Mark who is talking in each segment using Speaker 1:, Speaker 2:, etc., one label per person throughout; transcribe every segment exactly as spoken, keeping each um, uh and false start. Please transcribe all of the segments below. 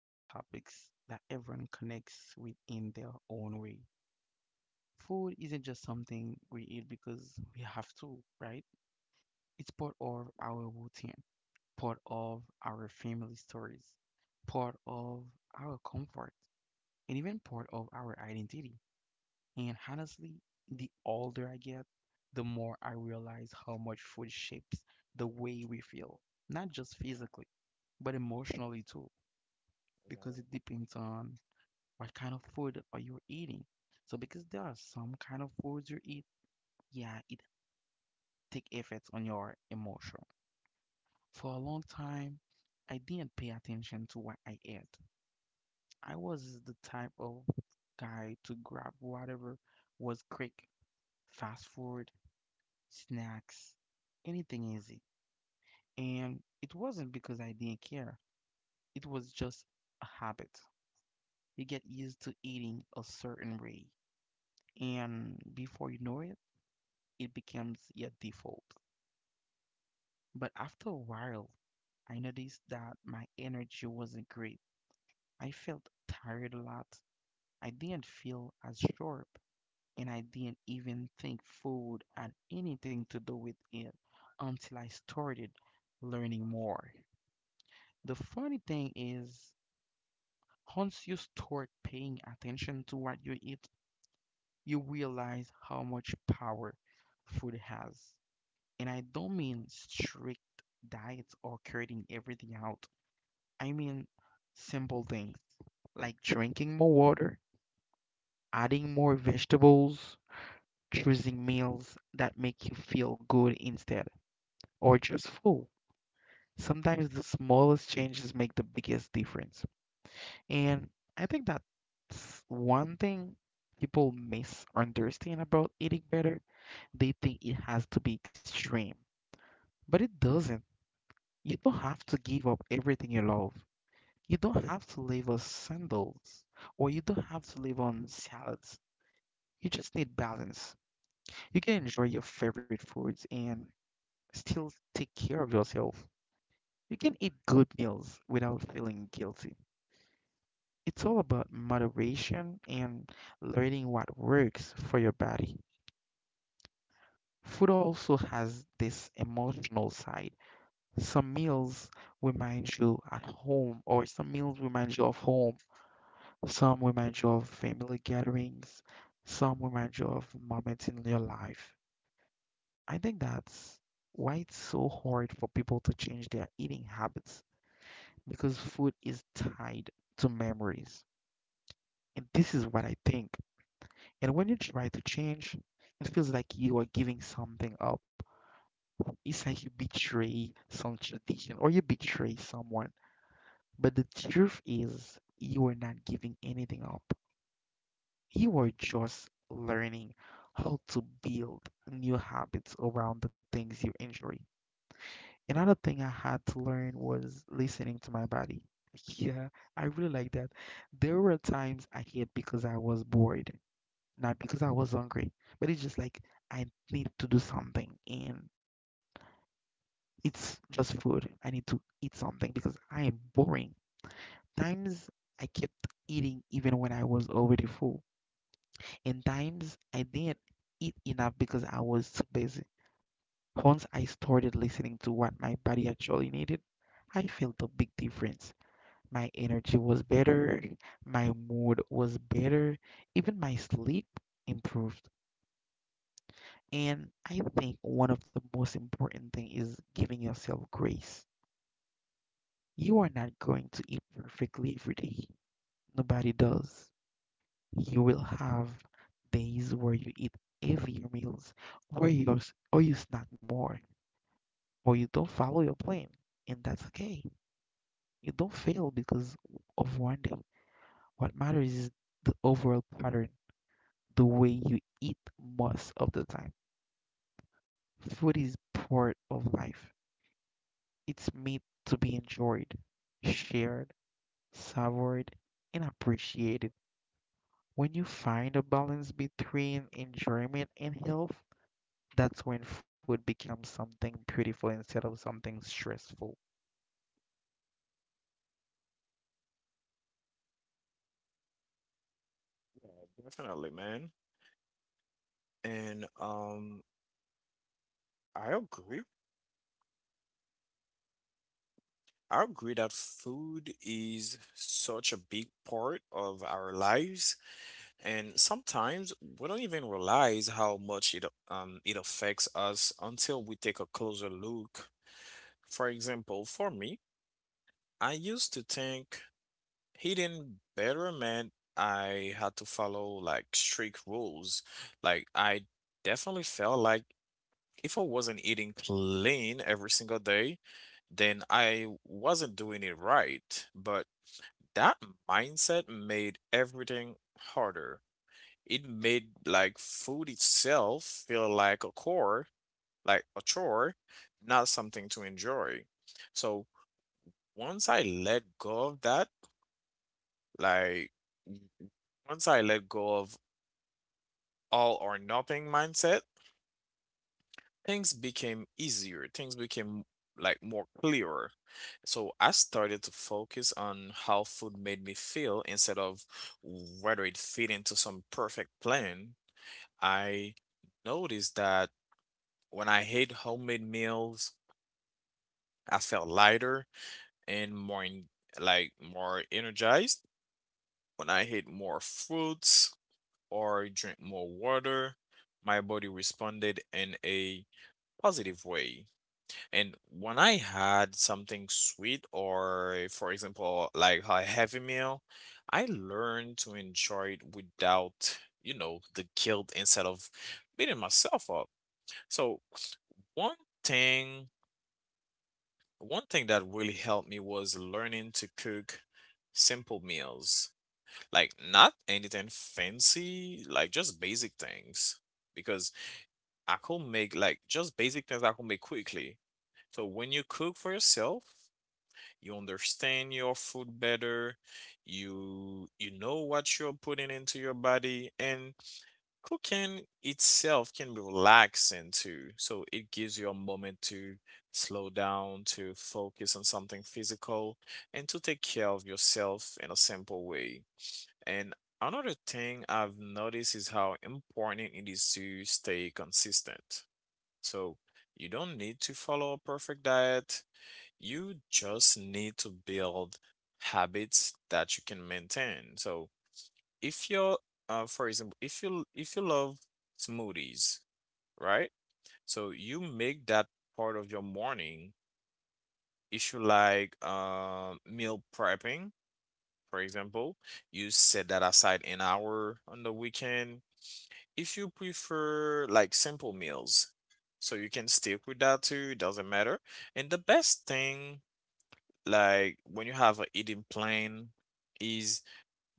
Speaker 1: those topics that everyone connects with in their own way. Food isn't just something we eat because we have to, right? It's part of our routine, part of our family stories, part of our comfort, and even part of our identity. And honestly, the older I get, the more I realize how much food shapes the way we feel, not just physically, but emotionally too, because
Speaker 2: Definitely.
Speaker 1: it depends on what kind of food are you eating. So because there are some kind of foods you eat, yeah, it take effects on your emotion. For a long time, I didn't pay attention to what I ate. I was the type of guy to grab whatever was quick, fast food, snacks, anything easy. And it wasn't because I didn't care, it was just a habit. You get used to eating a certain way, and before you know it, it becomes your default. But after a while, I noticed that my energy wasn't great. I felt tired a lot. I didn't feel as sharp, and I didn't even think food had anything to do with it until I started learning more. The funny thing is, once you start paying attention to what you eat, you realize how much power food has. And I don't mean strict diets or cutting everything out. I mean simple things like drinking more water, adding more vegetables, choosing meals that make you feel good instead, or just full. Sometimes the smallest changes make the biggest difference. And I think that's one thing people misunderstand about eating better. They think it has to be extreme, but it doesn't. You don't have to give up everything you love. You don't have to live on sandals, or you don't have to live on salads. You just need balance. You can enjoy your favorite foods and still take care of yourself. You can eat good meals without feeling guilty. It's all about moderation and learning what works for your body. Food also has this emotional side. Some meals remind you at home, or some meals remind you of home. Some remind you of family gatherings. Some remind you of moments in your life. I think that's why it's so hard for people to change their eating habits because food is tied to memories. And this is what I think. And when you try to change, it feels like you are giving something up. It's like you betray some tradition or you betray someone. But the truth is, you are not giving anything up. You are just learning how to build new habits around the things you enjoy. Another thing I had to learn was listening to my body. Yeah, I really like that. There were times I hid because I was bored, not because I was hungry, but it's just like I need to do something and it's just food. I need to eat something because I am boring. Times I kept eating even when I was already full, and times I didn't eat enough because I was too busy. Once I started listening to what my body actually needed, I felt a big difference. My energy was better, my mood was better, even my sleep improved. And I think one of the most important thing is giving yourself grace. You are not going to eat perfectly every day. Nobody does. You will have days where you eat heavier meals, or you or you snack more, or you don't follow your plan, and that's okay. You don't fail because of one day. What matters is the overall pattern, the way you eat most of the time. Food is part of life. It's meant to be enjoyed, shared, savored, and appreciated. When you find a balance between enjoyment and health, that's when food becomes something beautiful instead of something stressful.
Speaker 2: Yeah, definitely, man. And um, I agree. I agree that food is such a big part of our lives, and sometimes we don't even realize how much it um it affects us until we take a closer look. For example, for me, I used to think eating better meant I had to follow like strict rules. Like I definitely felt like if I wasn't eating clean every single day, then I wasn't doing it right. But that mindset made everything harder. It made like food itself feel like a chore, like a chore, not something to enjoy. So once I let go of that, like once I let go of all or nothing mindset, things became easier things became like more clearer. So I started to focus on how food made me feel instead of whether it fit into some perfect plan. I noticed that when I ate homemade meals, I felt lighter and more en- like more energized. When I ate more fruits or drink more water, my body responded in a positive way. And when I had something sweet or, eh, for example, like a heavy meal, I learned to enjoy it without, you know, the guilt instead of beating myself up. So one thing, one thing that really helped me was learning to cook simple meals, like not anything fancy, like just basic things. Because I could make like just basic things I could make quickly. So when you cook for yourself, you understand your food better. You you know what you're putting into your body. And cooking itself can be relaxing too, so it gives you a moment to slow down, to focus on something physical and to take care of yourself in a simple way. And another thing I've noticed is how important it is to stay consistent. So you don't need to follow a perfect diet, you just need to build habits that you can maintain. So if you're, uh, for example, if you if you love smoothies, right? So you make that part of your morning. If you like uh, meal prepping, for example, you set that aside an hour on the weekend. If you prefer like simple meals, so you can stick with that too. It doesn't matter. And the best thing, like when you have a eating plan, is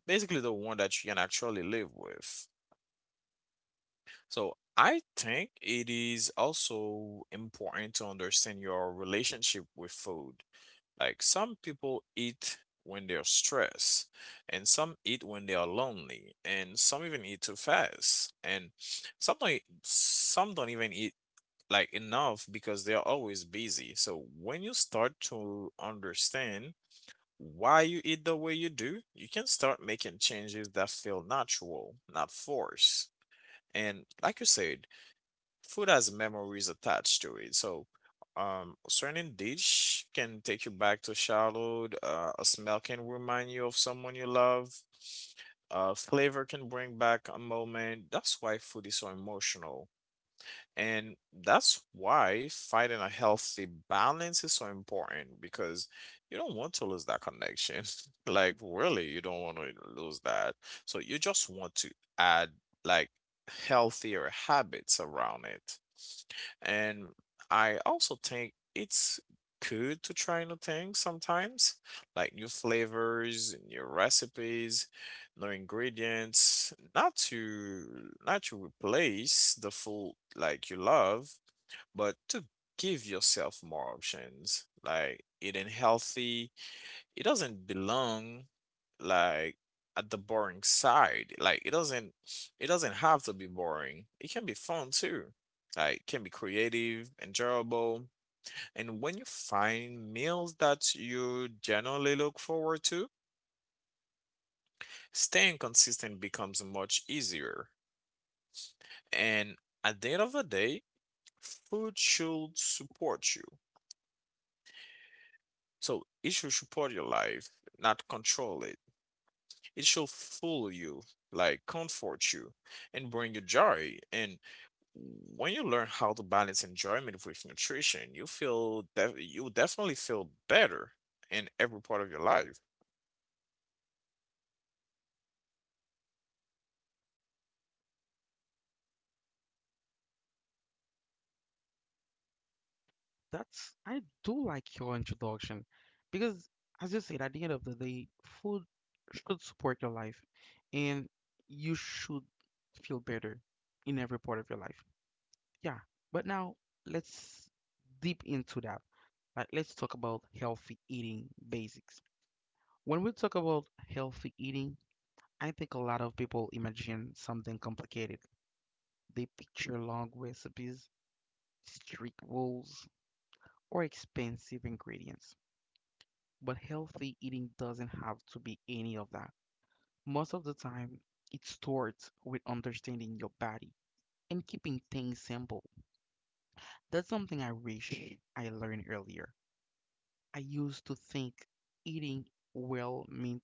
Speaker 2: basically the one that you can actually live with. So I think it is also important to understand your relationship with food. Like some people eat when they're stressed, and some eat when they are lonely, and some even eat too fast, and some don't, e, some don't even eat like enough because they're always busy. So when you start to understand why you eat the way you do, you can start making changes that feel natural, not forced. And like you said, food has memories attached to it. So, um, a certain dish can take you back to childhood. Uh, a smell can remind you of someone you love. Uh, flavor can bring back a moment. That's why food is so emotional. And that's why finding a healthy balance is so important, because you don't want to lose that connection. Like, really, you don't want to lose that. So you just want to add like healthier habits around it. And I also think it's good to try new things sometimes, like new flavors, new recipes, new ingredients, not to not to replace the food like you love, but to give yourself more options. Like eating healthy, it doesn't belong like at the boring side. Like it doesn't it doesn't have to be boring. It can be fun too. Like it can be creative, enjoyable. And when you find meals that you generally look forward to, staying consistent becomes much easier. And at the end of the day, food should support you. So it should support your life, not control it. It shall fool you, like comfort you, and bring you joy. And when you learn how to balance enjoyment with nutrition, you feel def- you definitely feel better in every part of your life.
Speaker 1: That's, I do like your introduction because as you said, at the end of the day, food should support your life and you should feel better in every part of your life. Yeah. But now let's deep into that. Right, let's talk about healthy eating basics. When we talk about healthy eating, I think a lot of people imagine something complicated. They picture long recipes, strict rules, or expensive ingredients. But healthy eating doesn't have to be any of that. Most of the time, it starts with understanding your body and keeping things simple. That's something I wish I learned earlier. I used to think eating well meant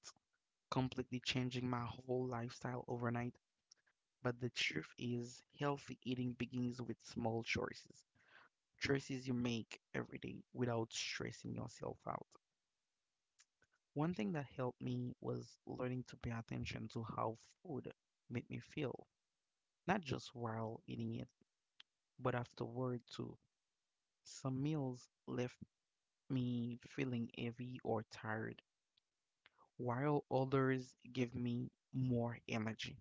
Speaker 1: completely changing my whole lifestyle overnight. But the truth is, healthy eating begins with small choices, choices you make every day without stressing yourself out. One thing that helped me was learning to pay attention to how food made me feel, not just while eating it, but afterward too. Some meals left me feeling heavy or tired, while others gave me more energy.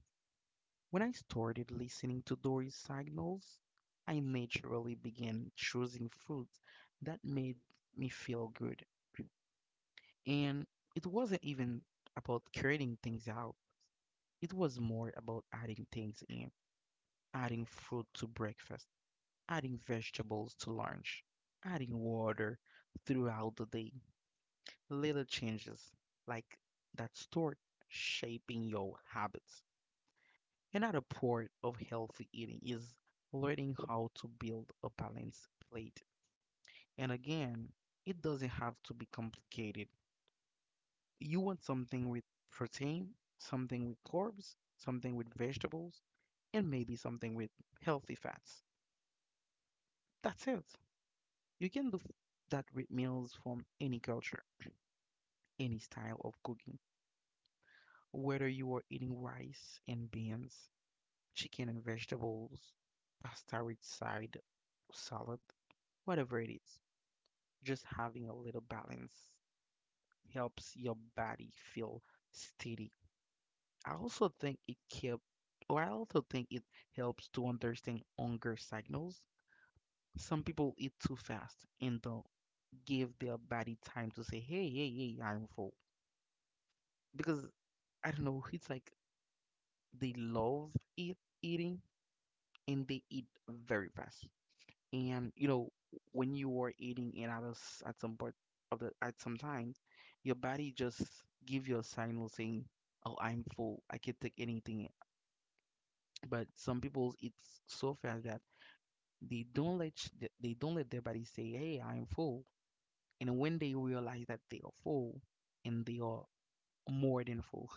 Speaker 1: When I started listening to Dory's signals, I naturally began choosing foods that made me feel good. And it wasn't even about cutting things out, it was more about adding things in, adding fruit to breakfast, adding vegetables to lunch, adding water throughout the day. Little changes like that start shaping your habits. Another part of healthy eating is learning how to build a balanced plate. And again, it doesn't have to be complicated. You want something with protein, something with carbs, something with vegetables, and maybe something with healthy fats. That's it. You can do that with meals from any culture, any style of cooking, whether you are eating rice and beans, chicken and vegetables, pasta with side salad, whatever it is. Just having a little balance helps your body feel steady. I also think it kept, or I also think it helps to understand hunger signals. Some people eat too fast and don't give their body time to say, hey, hey, hey, I'm full. Because I don't know, it's like they love eat, eating and they eat very fast. And you know, when you are eating it at us at some part of the at some time your body just give you a signal saying, oh, I'm full, I can not take anything. But some people eat so fast that they don't let sh- th- they don't let their body say, hey, I'm full. And when they realize that they are full, and they are more than full.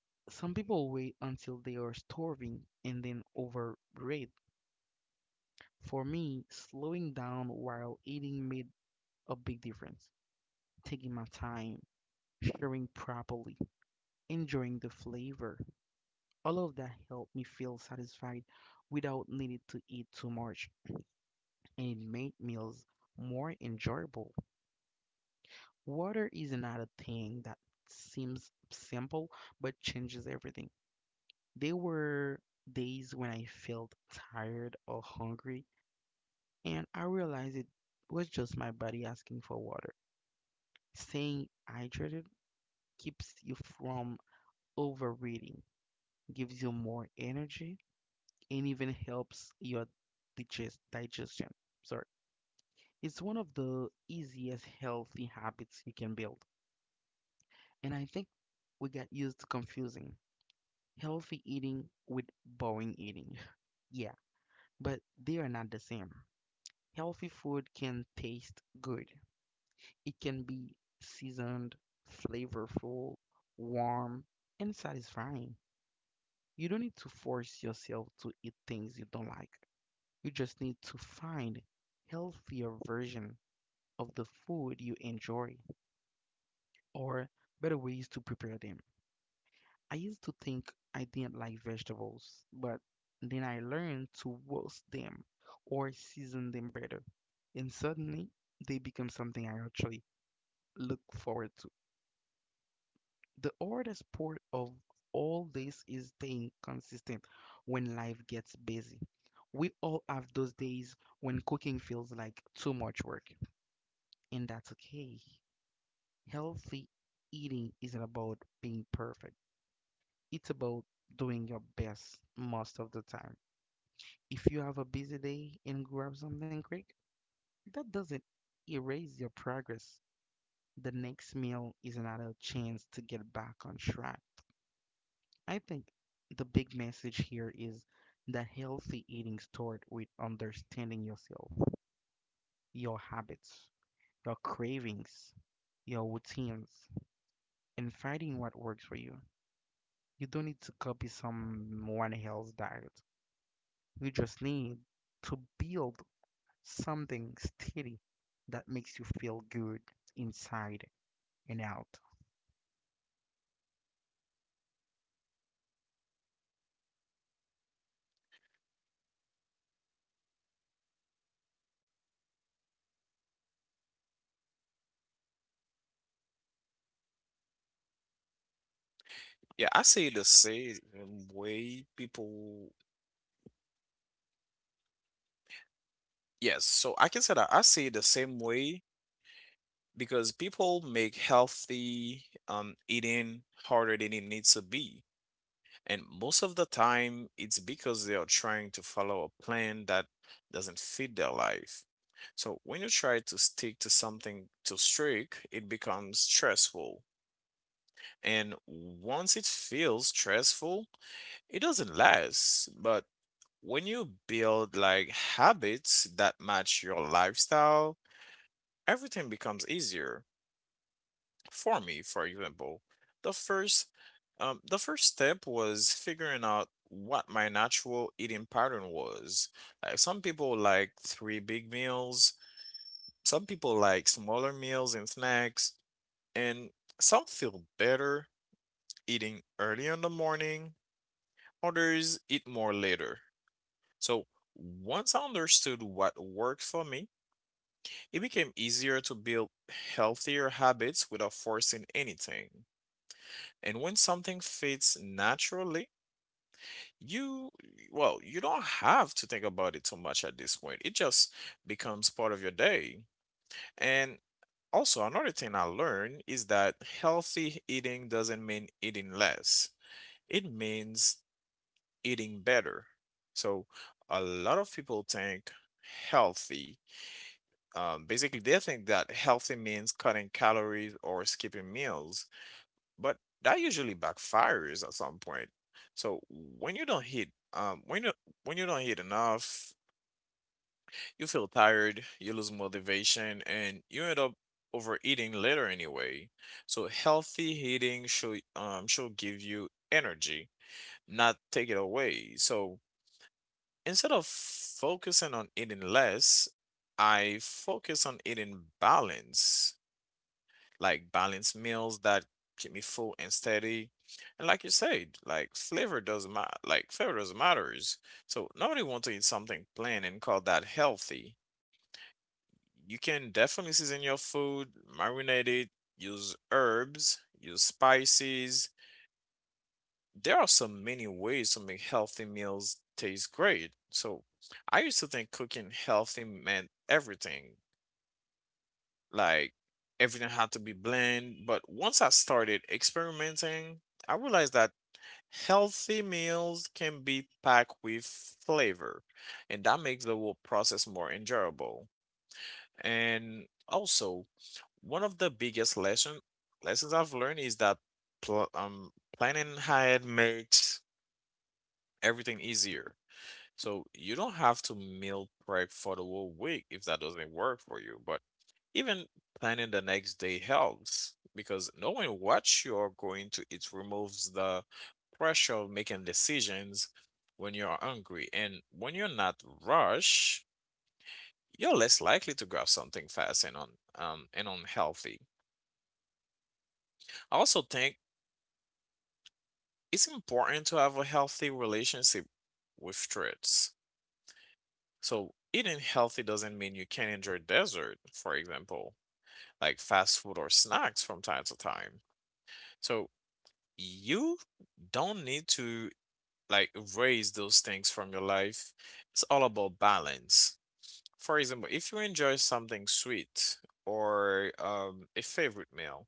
Speaker 1: Some people wait until they are starving and then overrate. For me, slowing down while eating made a big difference, taking my time, sharing properly, enjoying the flavor. All of that helped me feel satisfied without needing to eat too much, and it made meals more enjoyable. Water is another thing that seems simple but changes everything. There were days when I felt tired or hungry, and I realized it was just my body asking for water. Staying hydrated keeps you from overeating, gives you more energy, and even helps your digest digestion. Sorry. It's one of the easiest healthy habits you can build. And I think we got used to confusing healthy eating with boring eating. Yeah, but they are not the same. Healthy food can taste good. It can be seasoned, flavorful, warm, and satisfying. You don't need to force yourself to eat things you don't like. You just need to find healthier version of the food you enjoy or better ways to prepare them. I used to think I didn't like vegetables, but then I learned to roast them or season them better. And suddenly they become something I actually look forward to. The hardest part of all this is staying consistent when life gets busy. We all have those days when cooking feels like too much work. And that's okay. Healthy eating isn't about being perfect, it's about doing your best most of the time. If you have a busy day and grab something quick, that doesn't erase your progress. The next meal is another chance to get back on track. I think the big message here is that healthy eating starts with understanding yourself, your habits, your cravings, your routines, and finding what works for you. You don't need to copy someone else's diet. You just need to build something steady that makes you feel good inside and out.
Speaker 2: Yeah, I see it the same way, people. Yes, so I can say that I see it the same way because people make healthy um eating harder than it needs to be. And most of the time, it's because they are trying to follow a plan that doesn't fit their life. So when you try to stick to something too strict, it becomes stressful. And once it feels stressful, it doesn't last. But when you build like habits that match your lifestyle, everything becomes easier. For me, for example, the first um, the first step was figuring out what my natural eating pattern was. Like some people like three big meals, some people like smaller meals and snacks, and some feel better eating early in the morning, others eat more later. So once I understood what worked for me, it became easier to build healthier habits without forcing anything. And when something fits naturally, you, well, you don't have to think about it too much at this point. It just becomes part of your day. And also, another thing I learned is that healthy eating doesn't mean eating less, it means eating better. So, a lot of people think healthy, um, basically, they think that healthy means cutting calories or skipping meals, but that usually backfires at some point. So when you don't hit, um, when you when you don't hit enough, you feel tired, you lose motivation, and you end up overeating later anyway. So healthy eating should um should give you energy, not take it away. So instead of focusing on eating less, I focus on eating balance, like balanced meals that keep me full and steady. And like you said, like flavor doesn't matter. Like flavor doesn't matters. So nobody wants to eat something plain and call that healthy. You can definitely season your food, marinate it, use herbs, use spices. There are so many ways to make healthy meals taste great. So I used to think cooking healthy meant everything like everything had to be blend. But once I started experimenting, I realized that healthy meals can be packed with flavor, and that makes the whole process more enjoyable. And also, one of the biggest lesson lessons I've learned is that pl- um, planning ahead makes everything easier. So you don't have to meal prep for the whole week if that doesn't work for you. But even planning the next day helps, because knowing what you're going to eat removes the pressure of making decisions when you're hungry. And when you're not rushed, you're less likely to grab something fast and un, um, and unhealthy. I also think it's important to have a healthy relationship with treats. So eating healthy doesn't mean you can't enjoy dessert, for example, like fast food or snacks from time to time. So you don't need to like erase those things from your life. It's all about balance. For example, if you enjoy something sweet or um, a favorite meal,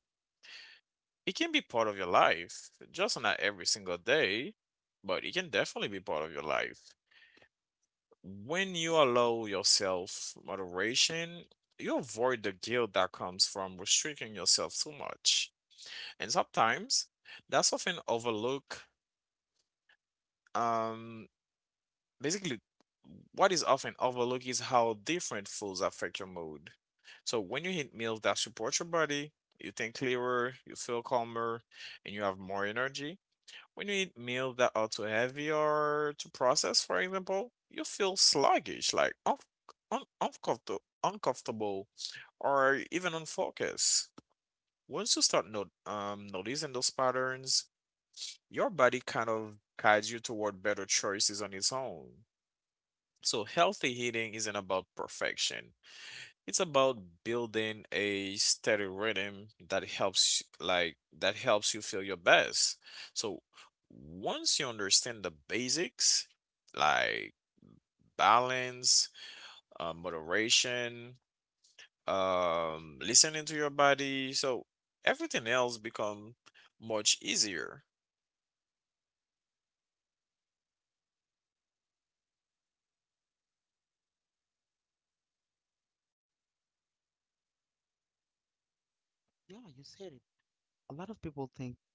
Speaker 2: it can be part of your life, just not every single day, but it can definitely be part of your life. When you allow yourself moderation, you avoid the guilt that comes from restricting yourself too much. And sometimes that's often overlooked. Um, Basically, what is often overlooked is how different foods affect your mood. So when you eat meals that support your body, you think clearer, you feel calmer, and you have more energy. When you eat meals that are too heavy or too processed, for example, you feel sluggish, like un- un- uncomfortable, uncomfortable, or even unfocused. Once you start not- um, noticing those patterns, your body kind of guides you toward better choices on its own. So, healthy eating isn't about perfection. It's about building a steady rhythm that helps like that helps you feel your best. So, once you understand the basics like balance, uh, moderation, um, listening to your body, so everything else become much easier.
Speaker 1: Yeah, you said it. A lot of people think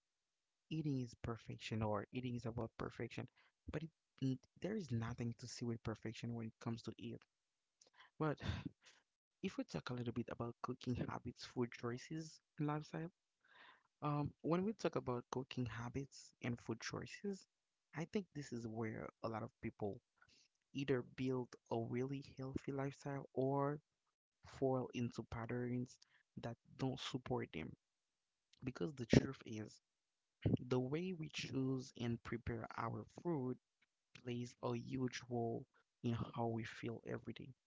Speaker 1: eating is perfection or eating is about perfection, but it, n- there is nothing to see with perfection when it comes to eat. But if we talk a little bit about cooking habits, food choices, and lifestyle. Um, when we talk about cooking habits and food choices, I think this is where a lot of people either build a really healthy lifestyle or fall into patterns that don't support them. Because the truth is, the way we choose and prepare our food plays a huge role in how we feel every day.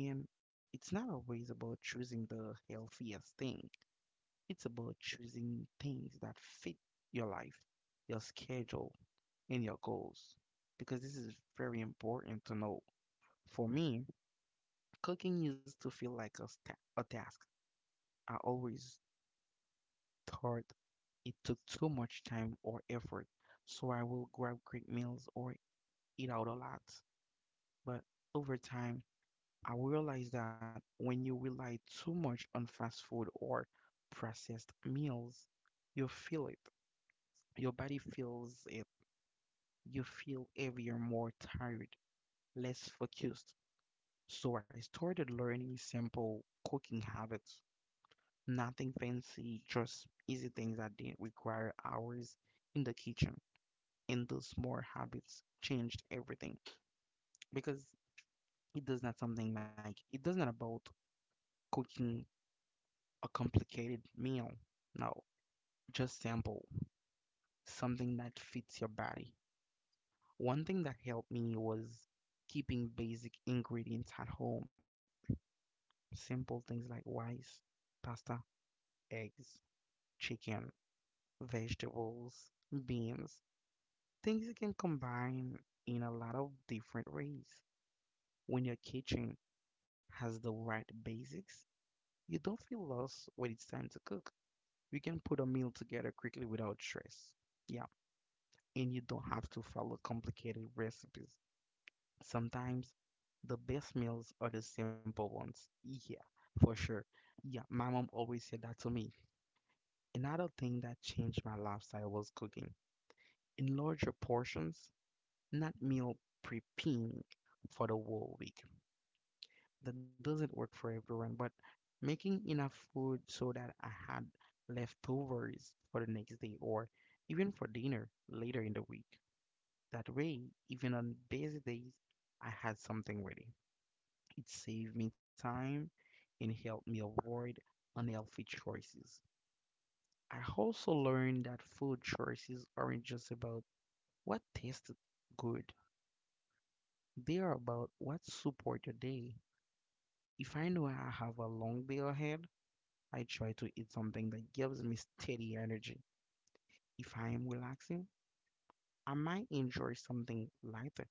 Speaker 1: And it's not always about choosing the healthiest thing. It's about choosing things that fit your life, your schedule, and your goals. Because this is very important to know. For me, cooking used to feel like a, sta a task. I always thought it took too much time or effort, so I will grab quick meals or eat out a lot. But over time, I realized that when you rely too much on fast food or processed meals, you feel it. Your body feels it. You feel heavier, more tired, less focused. So I started learning simple cooking habits. Nothing fancy, just easy things that didn't require hours in the kitchen. And those small habits changed everything because it does not something like it does not about cooking a complicated meal. No, just simple, something that fits your body. One thing that helped me was keeping basic ingredients at home. Simple things like rice, pasta, eggs, chicken, vegetables, beans. Things you can combine in a lot of different ways. When your kitchen has the right basics, you don't feel lost when it's time to cook. You can put a meal together quickly without stress. Yeah, and you don't have to follow complicated recipes. Sometimes the best meals are the simple ones. Yeah, for sure. Yeah, my mom always said that to me. Another thing that changed my lifestyle was cooking in larger portions, not meal prepping for the whole week. That doesn't work for everyone, but making enough food so that I had leftovers for the next day or even for dinner later in the week. That way, even on busy days, I had something ready. It saved me time and helped me avoid unhealthy choices. I also learned that food choices aren't just about what tasted good. They are about what support your day. If I know I have a long day ahead, I try to eat something that gives me steady energy. If I am relaxing, I might enjoy something lighter.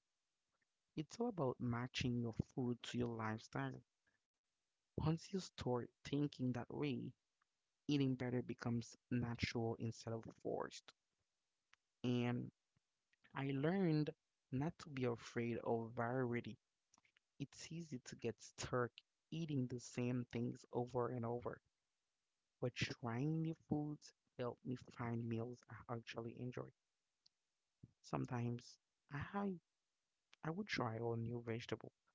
Speaker 1: It's all about matching your food to your lifestyle. Once you start thinking that way, eating better becomes natural instead of forced. And I learned not to be afraid of variety. It's easy to get stuck eating the same things over and over, but trying new foods help me find meals I actually enjoy. Sometimes I I would try a new vegetable,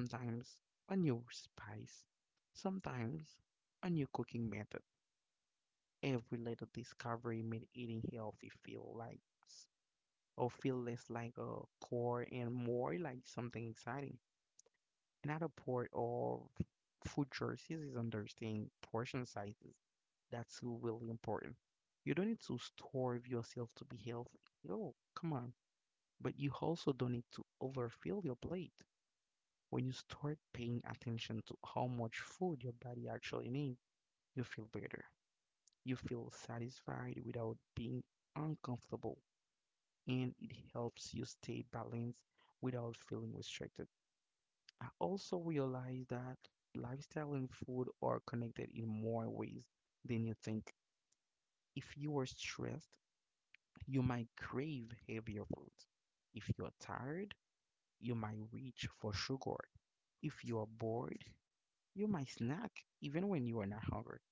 Speaker 1: sometimes a new spice, sometimes a new cooking method. Every little discovery made eating healthy feel like s- or feel less like a chore and more like something exciting. Another part of food choices is understanding portion sizes. That's really important. You don't need to starve yourself to be healthy. Oh, come on. But you also don't need to overfill your plate. When you start paying attention to how much food your body actually needs, you feel better. You feel satisfied without being uncomfortable, and it helps you stay balanced without feeling restricted. I also realized that lifestyle and food are connected in more ways than you think. If you are stressed, you might crave heavier foods. If you're tired, you might reach for sugar. If you are bored, you might snack even when you are not hungry.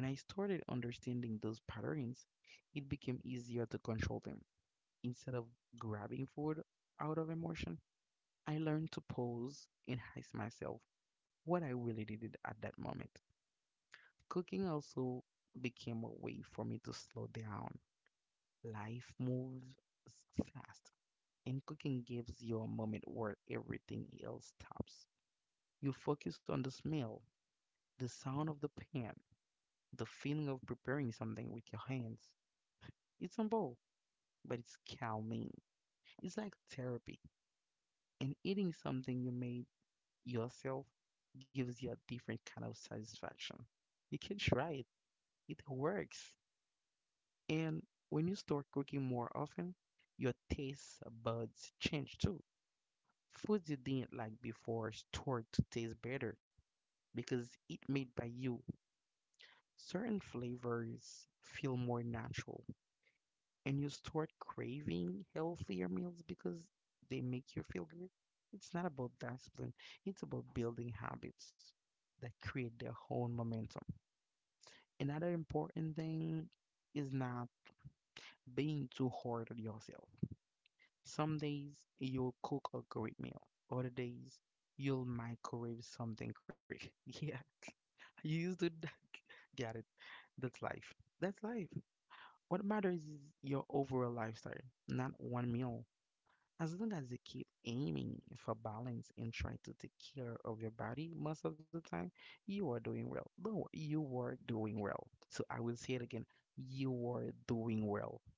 Speaker 1: When I started understanding those patterns, it became easier to control them. Instead of grabbing food out of emotion, I learned to pause and ask myself what I really needed at that moment. Cooking also became a way for me to slow down. Life moves fast, and cooking gives you a moment where everything else stops. You focus on the smell, the sound of the pan, the feeling of preparing something with your hands. It's simple, but it's calming. It's like therapy, and eating something you made yourself gives you a different kind of satisfaction. You can try it, it works. And when you start cooking more often, your taste buds change too. Foods you didn't like before start to taste better because it made by you. Certain flavors feel more natural, and you start craving healthier meals because they make you feel good. It's not about discipline, it's about building habits that create their own momentum. Another important thing is not being too hard on yourself. Some days you'll cook a great meal, other days you'll microwave something quick. Yeah, you used to d- get it. That's life. That's life. What matters is your overall lifestyle, not one meal. As long as you keep aiming for balance and try to take care of your body most of the time, you are doing well. Don't worry, you are doing well. So I will say it again, you are doing well.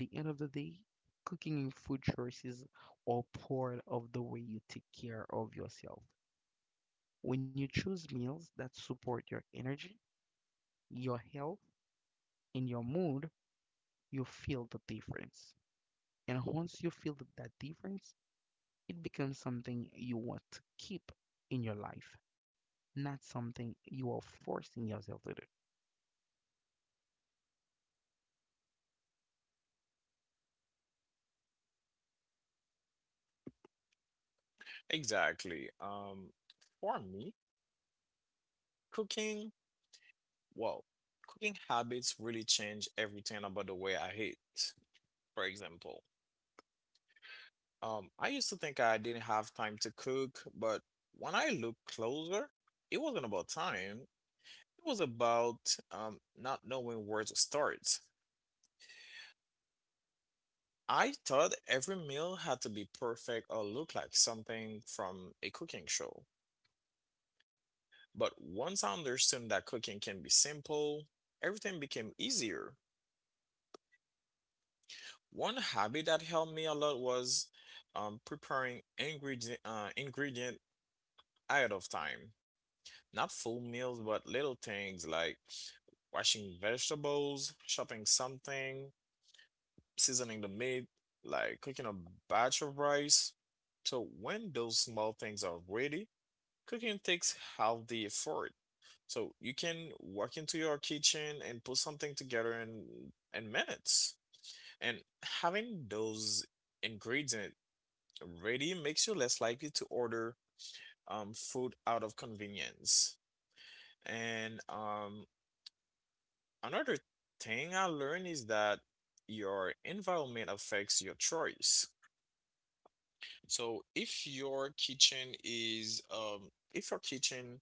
Speaker 1: At the end of the day, cooking and food choices are part of the way you take care of yourself. When you choose meals that support your energy, your health, and your mood, you feel the difference. And once you feel th- that difference, it becomes something you want to keep in your life, not something you are forcing yourself to do.
Speaker 2: Exactly. Um, for me, cooking Wow, cooking habits really change everything about the way I eat. For example, um, I used to think I didn't have time to cook, but when I look closer, it wasn't about time. It was about um, not knowing where to start. I thought every meal had to be perfect or look like something from a cooking show. But once I understood that cooking can be simple, everything became easier. One habit that helped me a lot was um, preparing ingredient uh, ingredient ahead of time. Not full meals, but little things like washing vegetables, chopping something, seasoning the meat, like cooking a batch of rice. So when those small things are ready, cooking takes half the effort. So you can walk into your kitchen and put something together in in minutes. And having those ingredients ready makes you less likely to order um, food out of convenience. And um, Another thing I learned is that your environment affects your choice. So if your kitchen is um, if your kitchen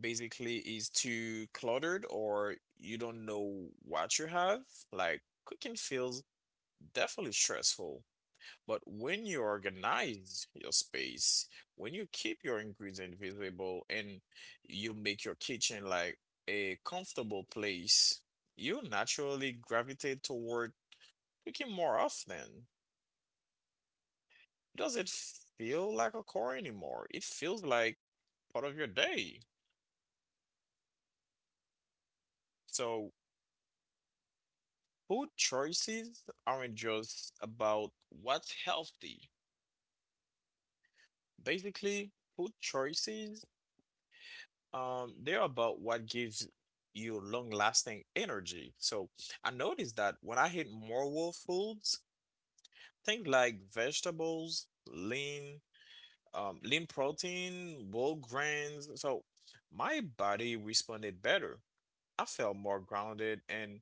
Speaker 2: basically is too cluttered or you don't know what you have, like cooking feels definitely stressful. But when you organize your space, when you keep your ingredient visible and you make your kitchen like a comfortable place, you naturally gravitate toward cooking more often. Doesn't feel like a chore anymore. It feels like part of your day. So food choices aren't just about what's healthy. Basically, food choices Um, they're about what gives you long-lasting energy. So I noticed that when I eat more whole foods, things like vegetables, lean, um, lean protein, whole grains, so my body responded better. I felt more grounded, and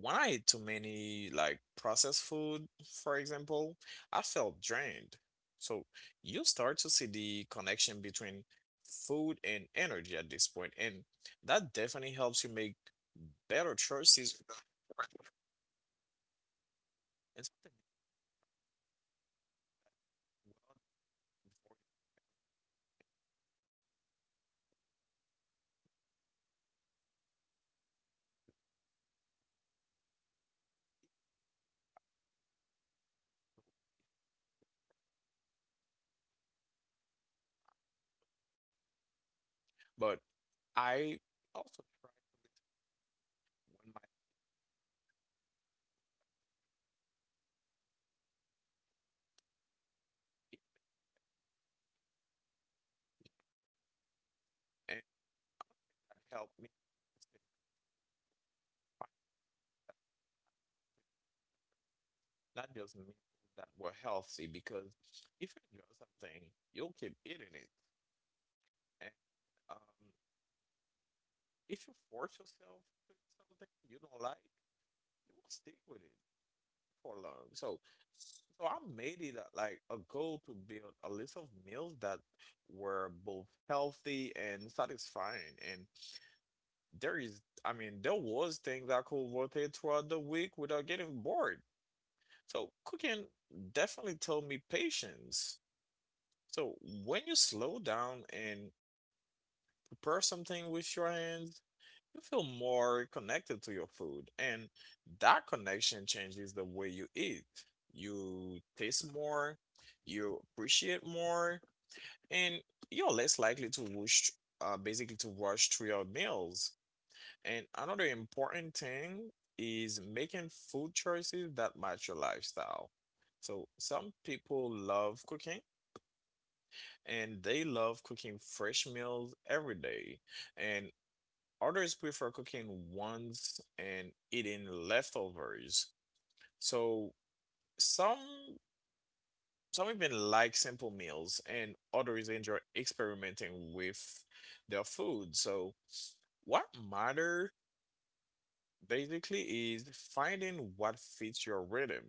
Speaker 2: when I ate too many like processed food, for example, I felt drained. So you start to see the connection between food and energy at this point, and that definitely helps you make better choices. But I also tried when my and that helped me not just meals that were healthy, because if you enjoy something, you'll keep eating it. And um, if you force yourself to eat something you don't like, you will not stick with it for long. So, so I made it a- like a goal to build a list of meals that were both healthy and satisfying. And there is, I mean, there was things I could rotate throughout the week without getting bored. So cooking definitely taught me patience. So when you slow down and press something with your hands, you feel more connected to your food. And that connection changes the way you eat. You taste more, you appreciate more, and you're less likely to rush, uh, basically to rush through your meals. And another important thing is making food choices that match your lifestyle. So some people love cooking and they love cooking fresh meals every day. And others prefer cooking once and eating leftovers. So some some even like simple meals and others enjoy experimenting with their food. So what matter basically is finding what fits your rhythm.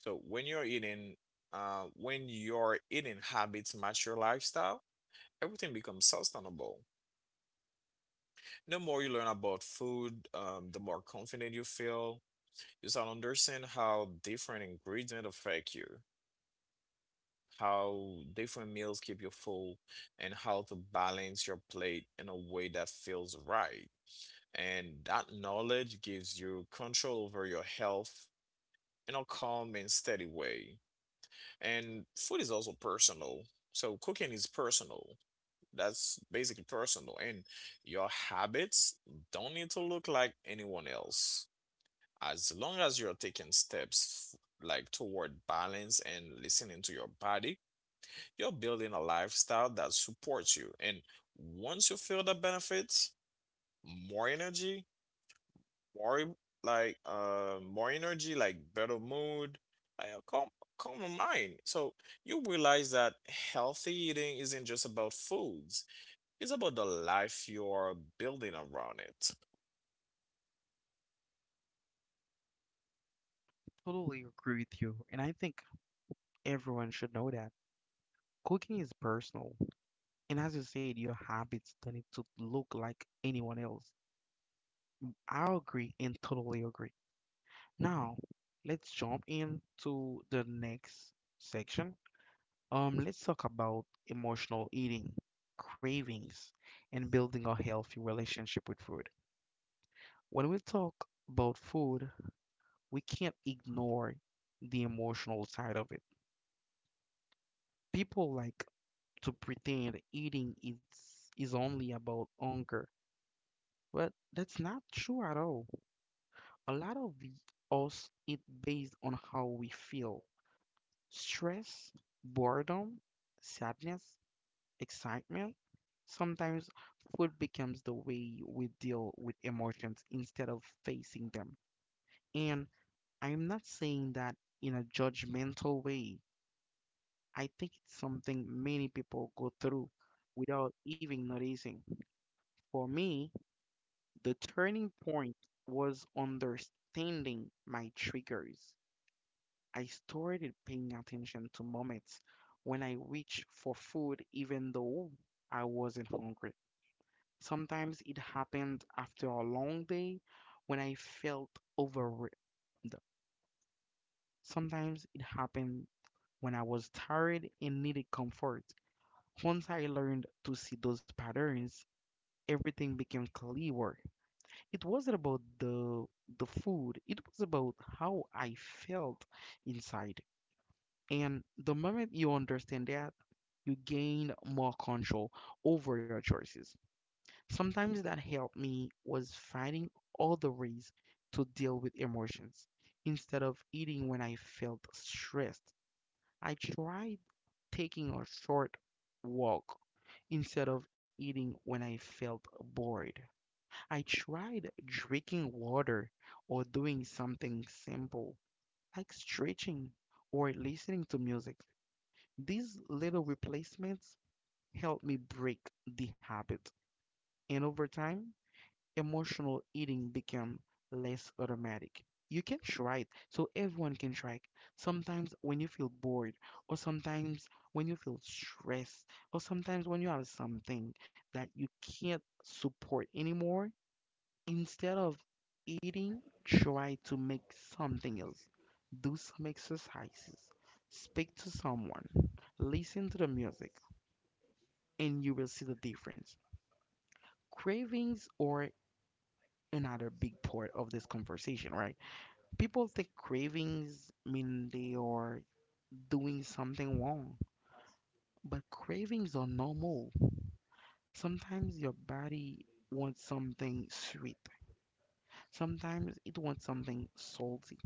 Speaker 2: So when you're eating uh when your eating habits match your lifestyle, everything becomes sustainable. The more you learn about food, um, the more confident you feel. Just that understand how different ingredients affect you, how different meals keep you full, and how to balance your plate in a way that feels right. And that knowledge gives you control over your health in a calm and steady way. And food is also personal. So cooking is personal. That's basically personal. And your habits don't need to look like anyone else, as long as you're taking steps like toward balance and listening to your body, you're building a lifestyle that supports you. And once you feel the benefits, more energy, more em- like uh more energy, like better mood, like a calm calmer mind. So you realize that healthy eating isn't just about foods. It's about the life you're building around it.
Speaker 1: Totally agree with you. And I think everyone should know that cooking is personal. And as you said, your habits don't need to look like anyone else. I agree and totally agree. Now, let's jump into the next section. Um, let's talk about emotional eating, cravings, and building a healthy relationship with food. When we talk about food, we can't ignore the emotional side of it. People like to pretend eating is is only about hunger, but that's not true at all. a lot of the- us eat based on how we feel: stress, boredom, sadness, excitement. Sometimes food becomes the way we deal with emotions instead of facing them. And I'm not saying that in a judgmental way, I think it's something many people go through without even noticing. For me, the turning point was understanding my triggers. I started paying attention to moments when I reached for food even though I wasn't hungry. Sometimes it happened after a long day when I felt overwhelmed. Sometimes it happened when I was tired and needed comfort. Once I learned to see those patterns, everything became clearer. It wasn't about the the food, it was about how I felt inside. And the moment you understand that, you gain more control over your choices. Sometimes that helped me was finding other ways to deal with emotions. Instead of eating when I felt stressed, I tried taking a short walk. Instead of eating when I felt bored, I tried drinking water or doing something simple like stretching or listening to music. These little replacements helped me break the habit. And over time, emotional eating became less automatic. You can try it, so everyone can try it. Sometimes when you feel bored, or sometimes when you feel stressed, or sometimes when you have something that you can't support anymore, instead of eating, try to make something else. Do some exercises, speak to someone, listen to the music, and you will see the difference. Cravings are another big part of this conversation, right? People think cravings mean they are doing something wrong, but cravings are normal. Sometimes your body wants something sweet, sometimes it wants something salty.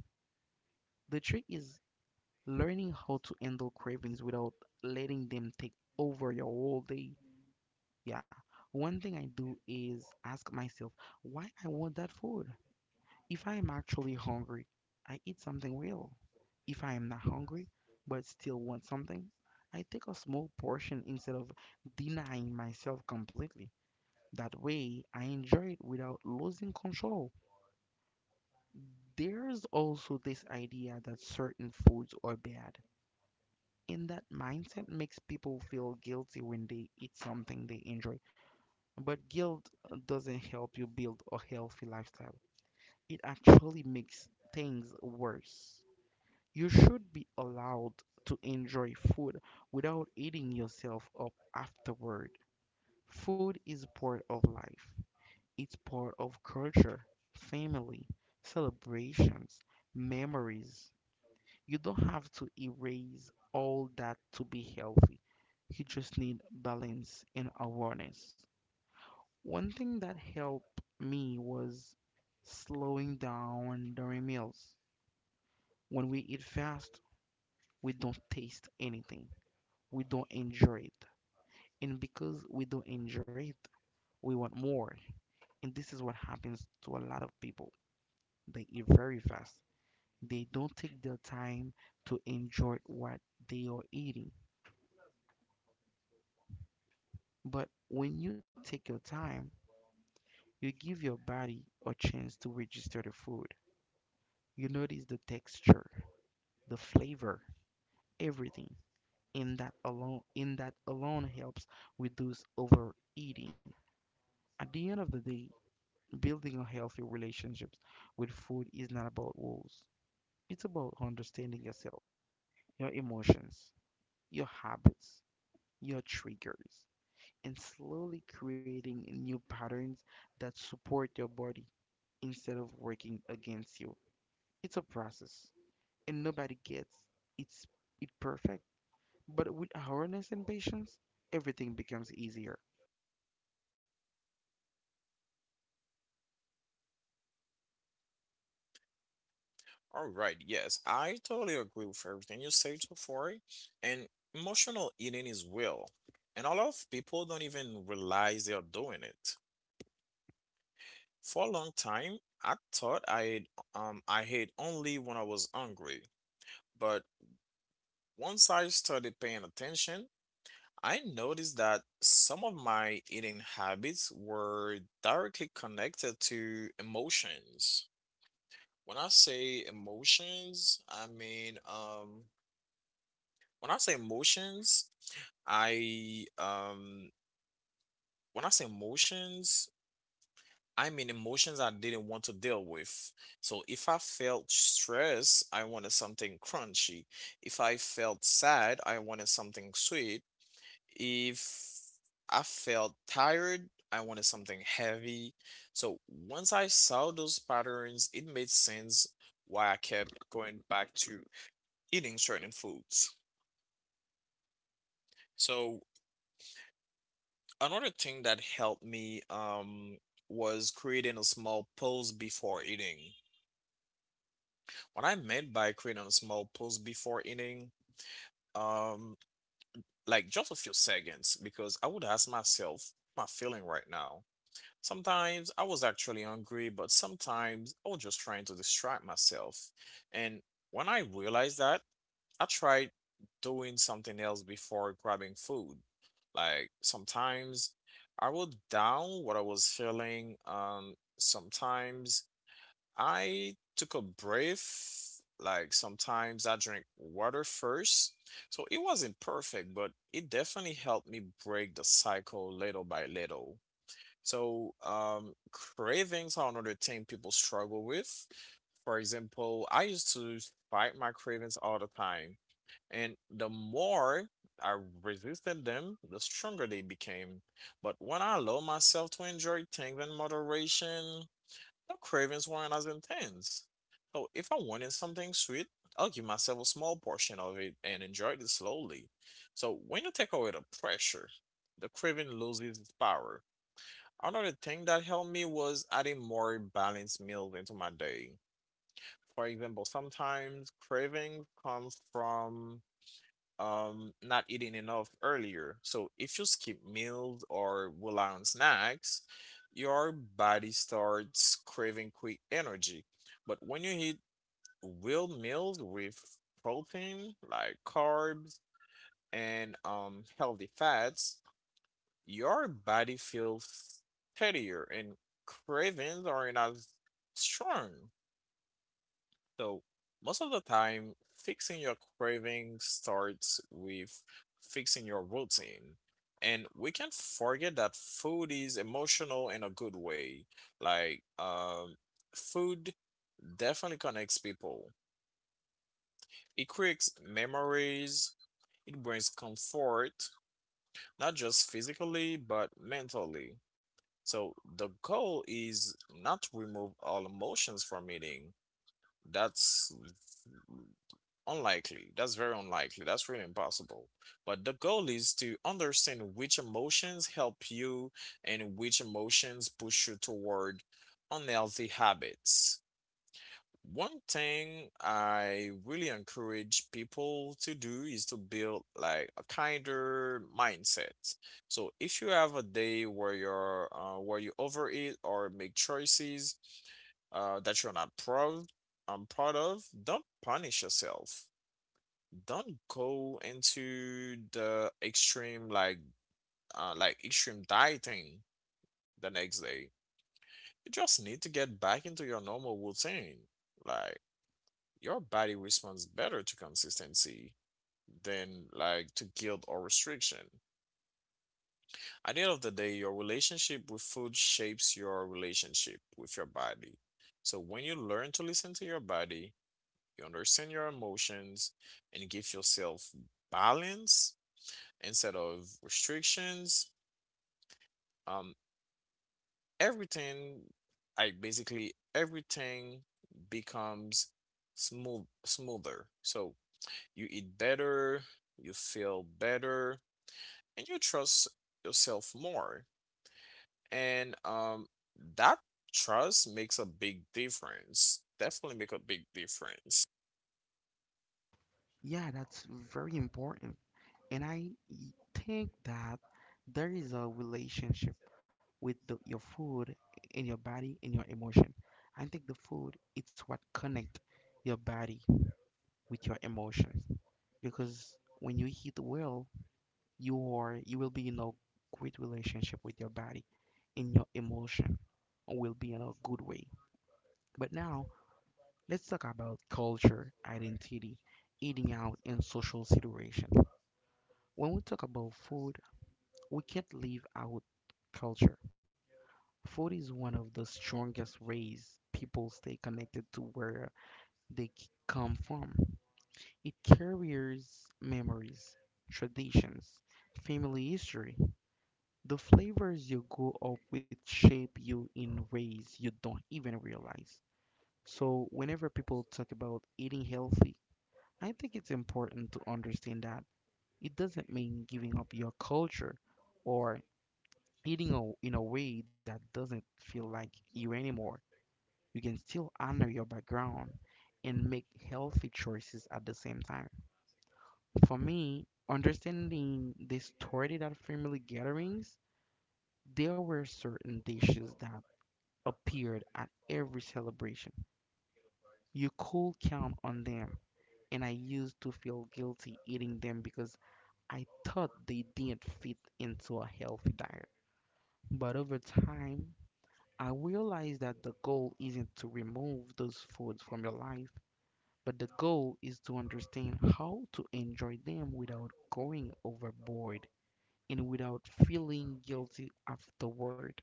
Speaker 1: The trick is learning how to handle cravings without letting them take over your whole day. Yeah. One thing I do is ask myself why I want that food. If I am actually hungry, I eat something real. If I am not hungry but still want something, I take a small portion instead of denying myself completely. That way, I enjoy it without losing control. There's also this idea that certain foods are bad, and that mindset makes people feel guilty when they eat something they enjoy. But guilt doesn't help you build a healthy lifestyle, it actually makes things worse. You should be allowed to enjoy food without eating yourself up afterward. Food is part of life, it's part of culture, family, celebrations, memories. You don't have to erase all that to be healthy. You just need balance and awareness. One thing that helped me was slowing down during meals. When we eat fast, we don't taste anything. We don't enjoy it. And because we don't enjoy it, we want more. And this is what happens to a lot of people. They eat very fast. They don't take their time to enjoy what they are eating. But when you take your time, you give your body a chance to register the food. You notice the texture, the flavor, everything. And that alone, in that alone helps reduce overeating. At the end of the day, building a healthy relationship with food is not about rules. It's about understanding yourself, your emotions, your habits, your triggers, and slowly creating new patterns that support your body instead of working against you. It's a process, and nobody gets it's it perfect. But with awareness and patience, everything becomes easier.
Speaker 2: All right, yes, I totally agree with everything you say, Tofori. And emotional eating is real, and a lot of people don't even realize they are doing it. For a long time, I thought I ate, um I ate only when I was hungry, but once I started paying attention, I noticed that some of my eating habits were directly connected to emotions. When I say emotions, I mean um When I say emotions, I um When I say emotions, I mean emotions I didn't want to deal with. So if I felt stress, I wanted something crunchy. If I felt sad, I wanted something sweet. If I felt tired, I wanted something heavy. So once I saw those patterns, it made sense why I kept going back to eating certain foods. So another thing that helped me um was creating a small pause before eating. What I meant by creating a small pause before eating, um, like just a few seconds, because I would ask myself, "What am I feeling right now?" Sometimes I was actually hungry, but sometimes I was just trying to distract myself. And when I realized that, I tried doing something else before grabbing food. Like sometimes I wrote down what I was feeling. Um, sometimes I took a breath. Like sometimes I drank water first. So it wasn't perfect, but it definitely helped me break the cycle little by little. So, um, cravings are another thing people struggle with. For example, I used to fight my cravings all the time. And the more I resisted them, the stronger they became. But when I allowed myself to enjoy things in moderation, the cravings weren't as intense. So if I wanted something sweet, I'll give myself a small portion of it and enjoy it slowly. So when you take away the pressure, the craving loses its power. Another thing that helped me was adding more balanced meals into my day. For example, sometimes cravings come from um not eating enough earlier. So if you skip meals or rely on snacks, your body starts craving quick energy. But when you eat real meals with protein, like carbs and um healthy fats, your body feels steadier and cravings are not as strong. So, most of the time, fixing your craving starts with fixing your routine. And we can forget that food is emotional in a good way. Like, um, food definitely connects people, it creates memories, it brings comfort, not just physically, but mentally. So, the goal is not to remove all emotions from eating. That's unlikely. That's very unlikely. That's really impossible. But the goal is to understand which emotions help you and which emotions push you toward unhealthy habits. One thing I really encourage people to do is to build like a kinder mindset. So if you have a day where you're uh, where you overeat or make choices uh, that you're not proud, I'm proud of, don't punish yourself, don't go into the extreme like uh, like extreme dieting the next day. You just need to get back into your normal routine. Like your body responds better to consistency than like to guilt or restriction. At the end of the day, your relationship with food shapes your relationship with your body. So when you learn to listen to your body, you understand your emotions and give yourself balance instead of restrictions. Um, everything, like basically everything becomes smooth, smoother. So you eat better, you feel better, and you trust yourself more. And um, that trust makes a big difference. Definitely make a big difference.
Speaker 1: Yeah, that's very important. And I think that there is a relationship with the, your food in your body and your emotion. I think the food it's what connect your body with your emotions because when you eat well, you are you will be in a great relationship with your body and your emotion will be in a good way. But now let's talk about culture, identity, eating out, and social situation. When we talk about food we can't leave out culture. Food is one of the strongest ways people stay connected to where they c- come from. It carries memories, traditions, family history. The flavors you grow up with shape you in ways you don't even realize. So, whenever people talk about eating healthy, I think it's important to understand that it doesn't mean giving up your culture or eating a, in a way that doesn't feel like you anymore. You can still honor your background and make healthy choices at the same time. For me, understanding this started at family gatherings. There were certain dishes that appeared at every celebration. You could count on them, and I used to feel guilty eating them because I thought they didn't fit into a healthy diet. But over time, I realize that the goal isn't to remove those foods from your life, but the goal is to understand how to enjoy them without going overboard and without feeling guilty afterward.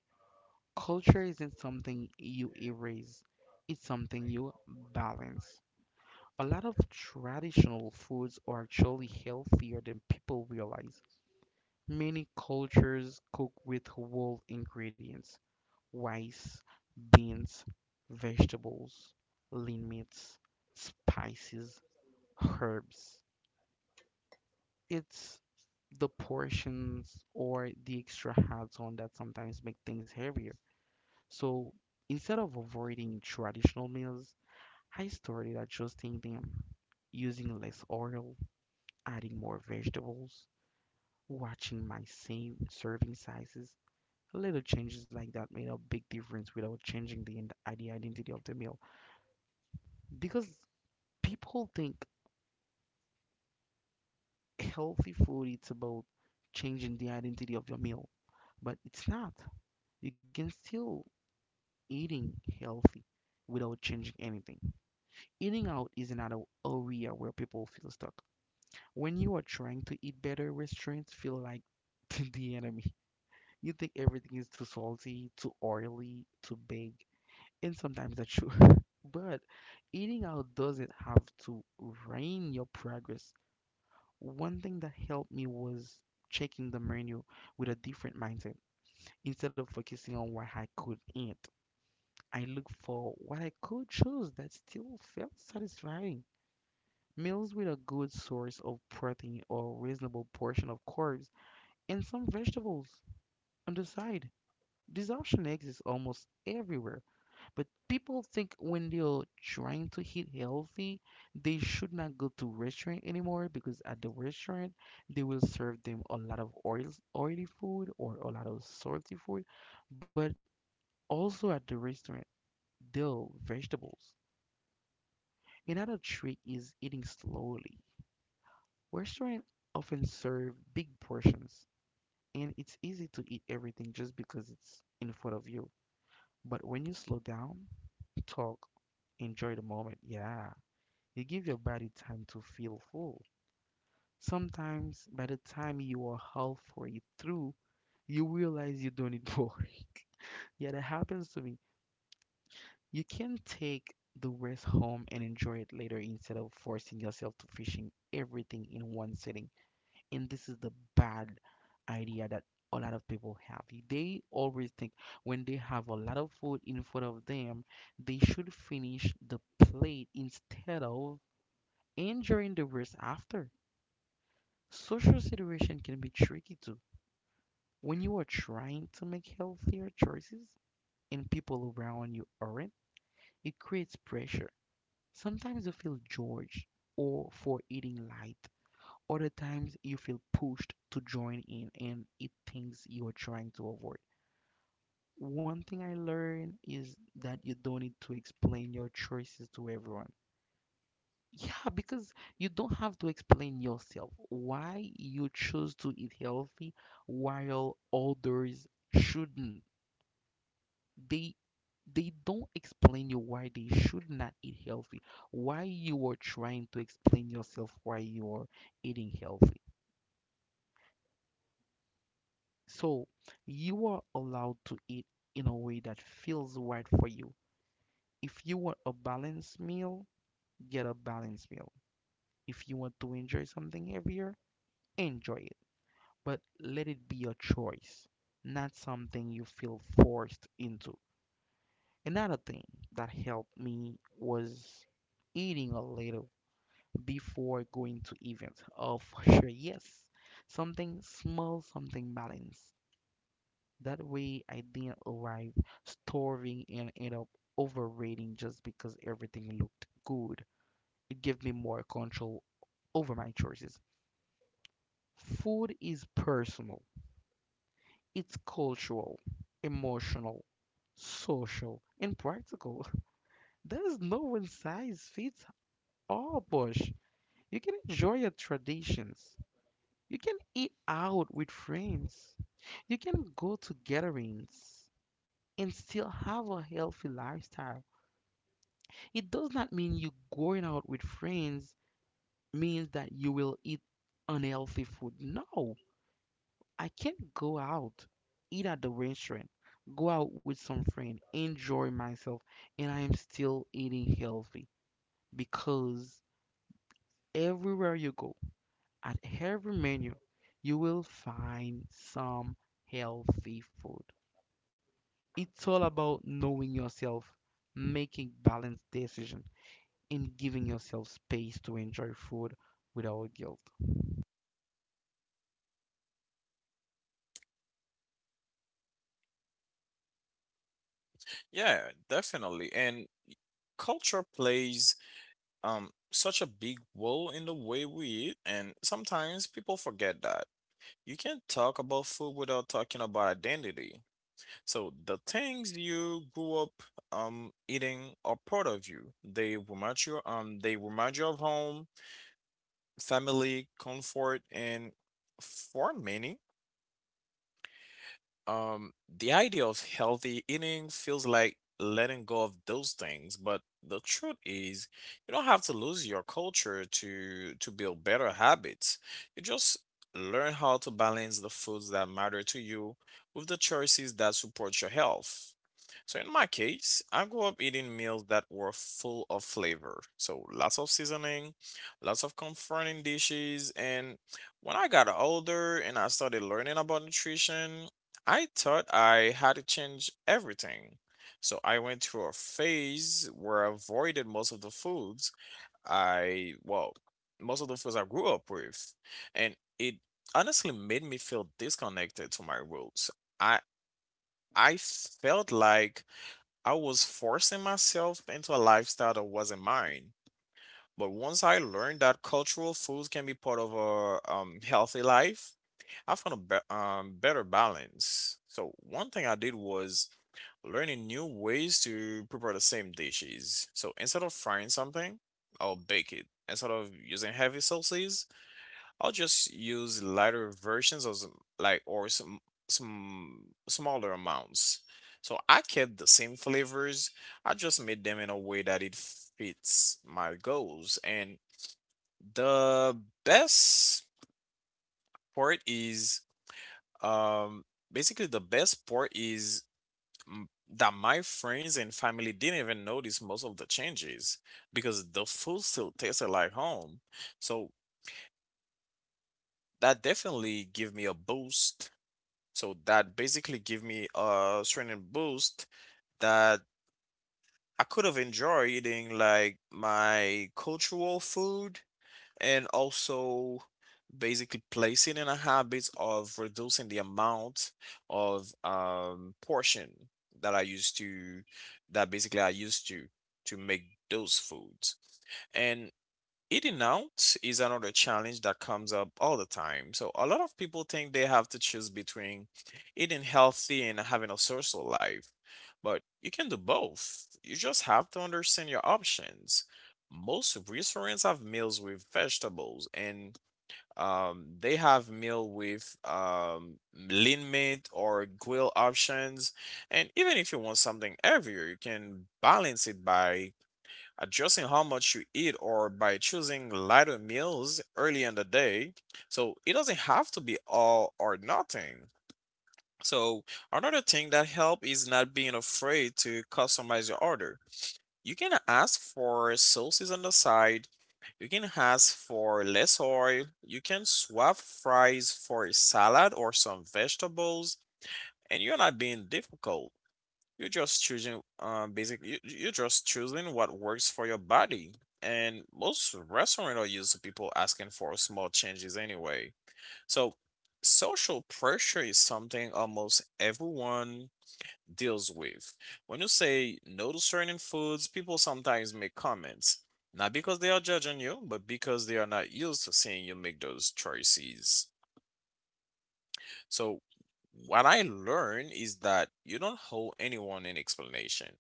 Speaker 1: Culture isn't something you erase, it's something you balance. A lot of traditional foods are actually healthier than people realize. Many cultures cook with whole ingredients: rice, beans, vegetables, lean meats, spices, herbs. It's the portions or the extra hats on that sometimes make things heavier. So instead of avoiding traditional meals, I started adjusting them, using less oil, adding more vegetables, watching my same serving sizes. Little changes like that made a big difference without changing the, ind- uh, the identity of the meal. Because people think healthy food it's about changing the identity of your meal, but it's not. You can still eating healthy without changing anything. Eating out is another area where people feel stuck. When you are trying to eat better, restaurants feel like the enemy. You think everything is too salty, too oily, too big, and sometimes that's true. But eating out doesn't have to ruin your progress. One thing that helped me was checking the menu with a different mindset. Instead of focusing on what I could eat, I look for what I could choose that still felt satisfying. Meals with a good source of protein or reasonable portion of carbs and some vegetables on the side. This option exists almost everywhere. But people think when they're trying to eat healthy, they should not go to restaurant anymore because at the restaurant they will serve them a lot of oil, oily food or a lot of salty food. But also at the restaurant, they'll vegetables. Another trick is eating slowly. Restaurant often serve big portions and it's easy to eat everything just because it's in front of you. But when you slow down, talk, enjoy the moment. Yeah. You give your body time to feel full. Sometimes, by the time you are halfway through, you realize you don't need more. Yeah, that happens to me. You can take the rest home and enjoy it later instead of forcing yourself to fishing everything in one sitting. And this is the bad idea that a lot of people have. They always think when they have a lot of food in front of them, they should finish the plate instead of enjoying the rest after. Social situation can be tricky too. When you are trying to make healthier choices and people around you aren't, it creates pressure. Sometimes you feel judged or for eating light. Other times you feel pushed to join in and eat things you are trying to avoid. One thing I learned is that you don't need to explain your choices to everyone. Yeah, because you don't have to explain yourself why you choose to eat healthy while others shouldn't. They they don't explain you why they should not eat healthy, why you are trying to explain yourself why you are eating healthy. So you are allowed to eat in a way that feels right for you. If you want a balanced meal, get a balanced meal. If you want to enjoy something heavier, enjoy it. But let it be a choice, not something you feel forced into. Another thing that helped me was eating a little before going to events. Oh, for sure, yes. Something small, something balanced. That way, I didn't arrive starving and end up overrating just because everything looked good. It gave me more control over my choices. Food is personal. It's cultural, emotional, social, and practical. There is no one size fits all, Bush. You can enjoy your traditions. You can eat out with friends. You can go to gatherings and still have a healthy lifestyle. It does not mean you going out with friends means that you will eat unhealthy food. No. I can go out, eat at the restaurant, go out with some friend, enjoy myself, and I am still eating healthy because everywhere you go, at every menu, you will find some healthy food. It's all about knowing yourself, making balanced decisions, and giving yourself space to enjoy food without guilt.
Speaker 2: Yeah, definitely. And culture plays um such a big role in the way we eat, and sometimes people forget that. You can't talk about food without talking about identity. So the things you grew up um eating are part of you. They remind you um they remind you of home, family, comfort, and for many, Um, the idea of healthy eating feels like letting go of those things, but the truth is, you don't have to lose your culture to to build better habits. You just learn how to balance the foods that matter to you with the choices that support your health. So in my case, I grew up eating meals that were full of flavor. So lots of seasoning, lots of comforting dishes, and when I got older and I started learning about nutrition, I thought I had to change everything. So I went through a phase where I avoided most of the foods I, well, most of the foods I grew up with. And it honestly made me feel disconnected to my roots. I I felt like I was forcing myself into a lifestyle that wasn't mine. But once I learned that cultural foods can be part of a um, healthy life, I found a be- um, better balance. So one thing I did was learning new ways to prepare the same dishes. So instead of frying something, I'll bake it. Instead of using heavy sauces, I'll just use lighter versions of some, like or some some smaller amounts. So I kept the same flavors. I just made them in a way that it fits my goals. And the best part is um basically the best part is m- that my friends and family didn't even notice most of the changes because the food still tasted like home. So that definitely gave me a boost. So that basically gave me a certain boost that I could have enjoyed eating like my cultural food and also basically placing in a habit of reducing the amount of um portion that I used to that basically I used to to make those foods. And eating out is another challenge that comes up all the time. So a lot of people think they have to choose between eating healthy and having a social life. But you can do both. You just have to understand your options. Most restaurants have meals with vegetables, and um, they have meal with um, lean meat or grill options. And even if you want something heavier, you can balance it by adjusting how much you eat or by choosing lighter meals early in the day. So it doesn't have to be all or nothing. So another thing that help is not being afraid to customize your order. You can ask for sauces on the side. You can ask for less oil. You can swap fries for a salad or some vegetables, and you're not being difficult. You're just choosing, um, basic. You, you're just choosing what works for your body. And most restaurants are used to people asking for small changes anyway. So social pressure is something almost everyone deals with. When you say no to certain foods, people sometimes make comments, not because they are judging you, but because they are not used to seeing you make those choices. So, what I learned is that you don't hold anyone in explanation,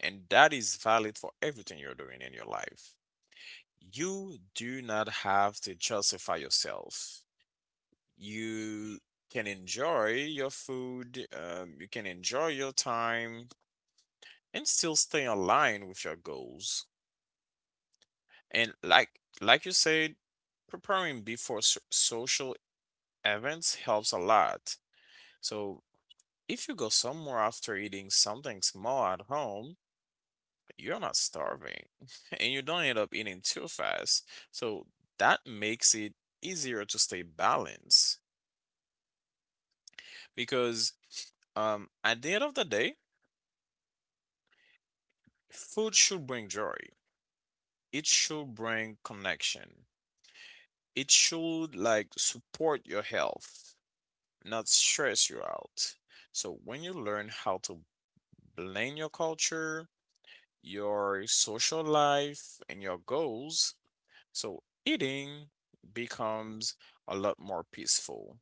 Speaker 2: and that is valid for everything you're doing in your life. You do not have to justify yourself. You can enjoy your food, um, you can enjoy your time, and still stay aligned with your goals. And like like you said, preparing before so- social events helps a lot. So if you go somewhere after eating something small at home, you're not starving and you don't end up eating too fast. So that makes it easier to stay balanced because um, at the end of the day, food should bring joy. It should bring connection. It should like support your health, not stress you out. So when you learn how to blend your culture, your social life, and your goals, so eating becomes a lot more peaceful.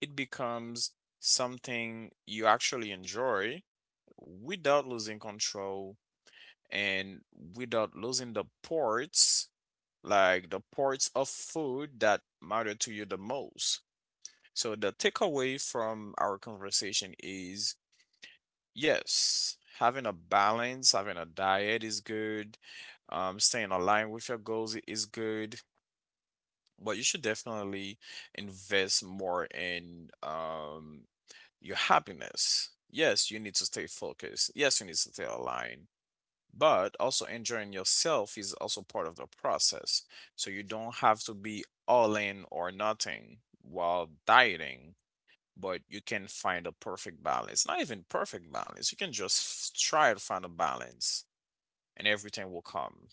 Speaker 2: It becomes something you actually enjoy without losing control and without losing the parts, like the parts of food that matter to you the most. So the takeaway from our conversation is yes, having a balance, having a diet is good, um, staying aligned with your goals i- is good, but you should definitely invest more in um, your happiness. Yes, you need to stay focused. Yes, you need to stay aligned. But also enjoying yourself is also part of the process. So you don't have to be all in or nothing while dieting, but you can find a perfect balance. Not even perfect balance. You can just try to find a balance and everything will come.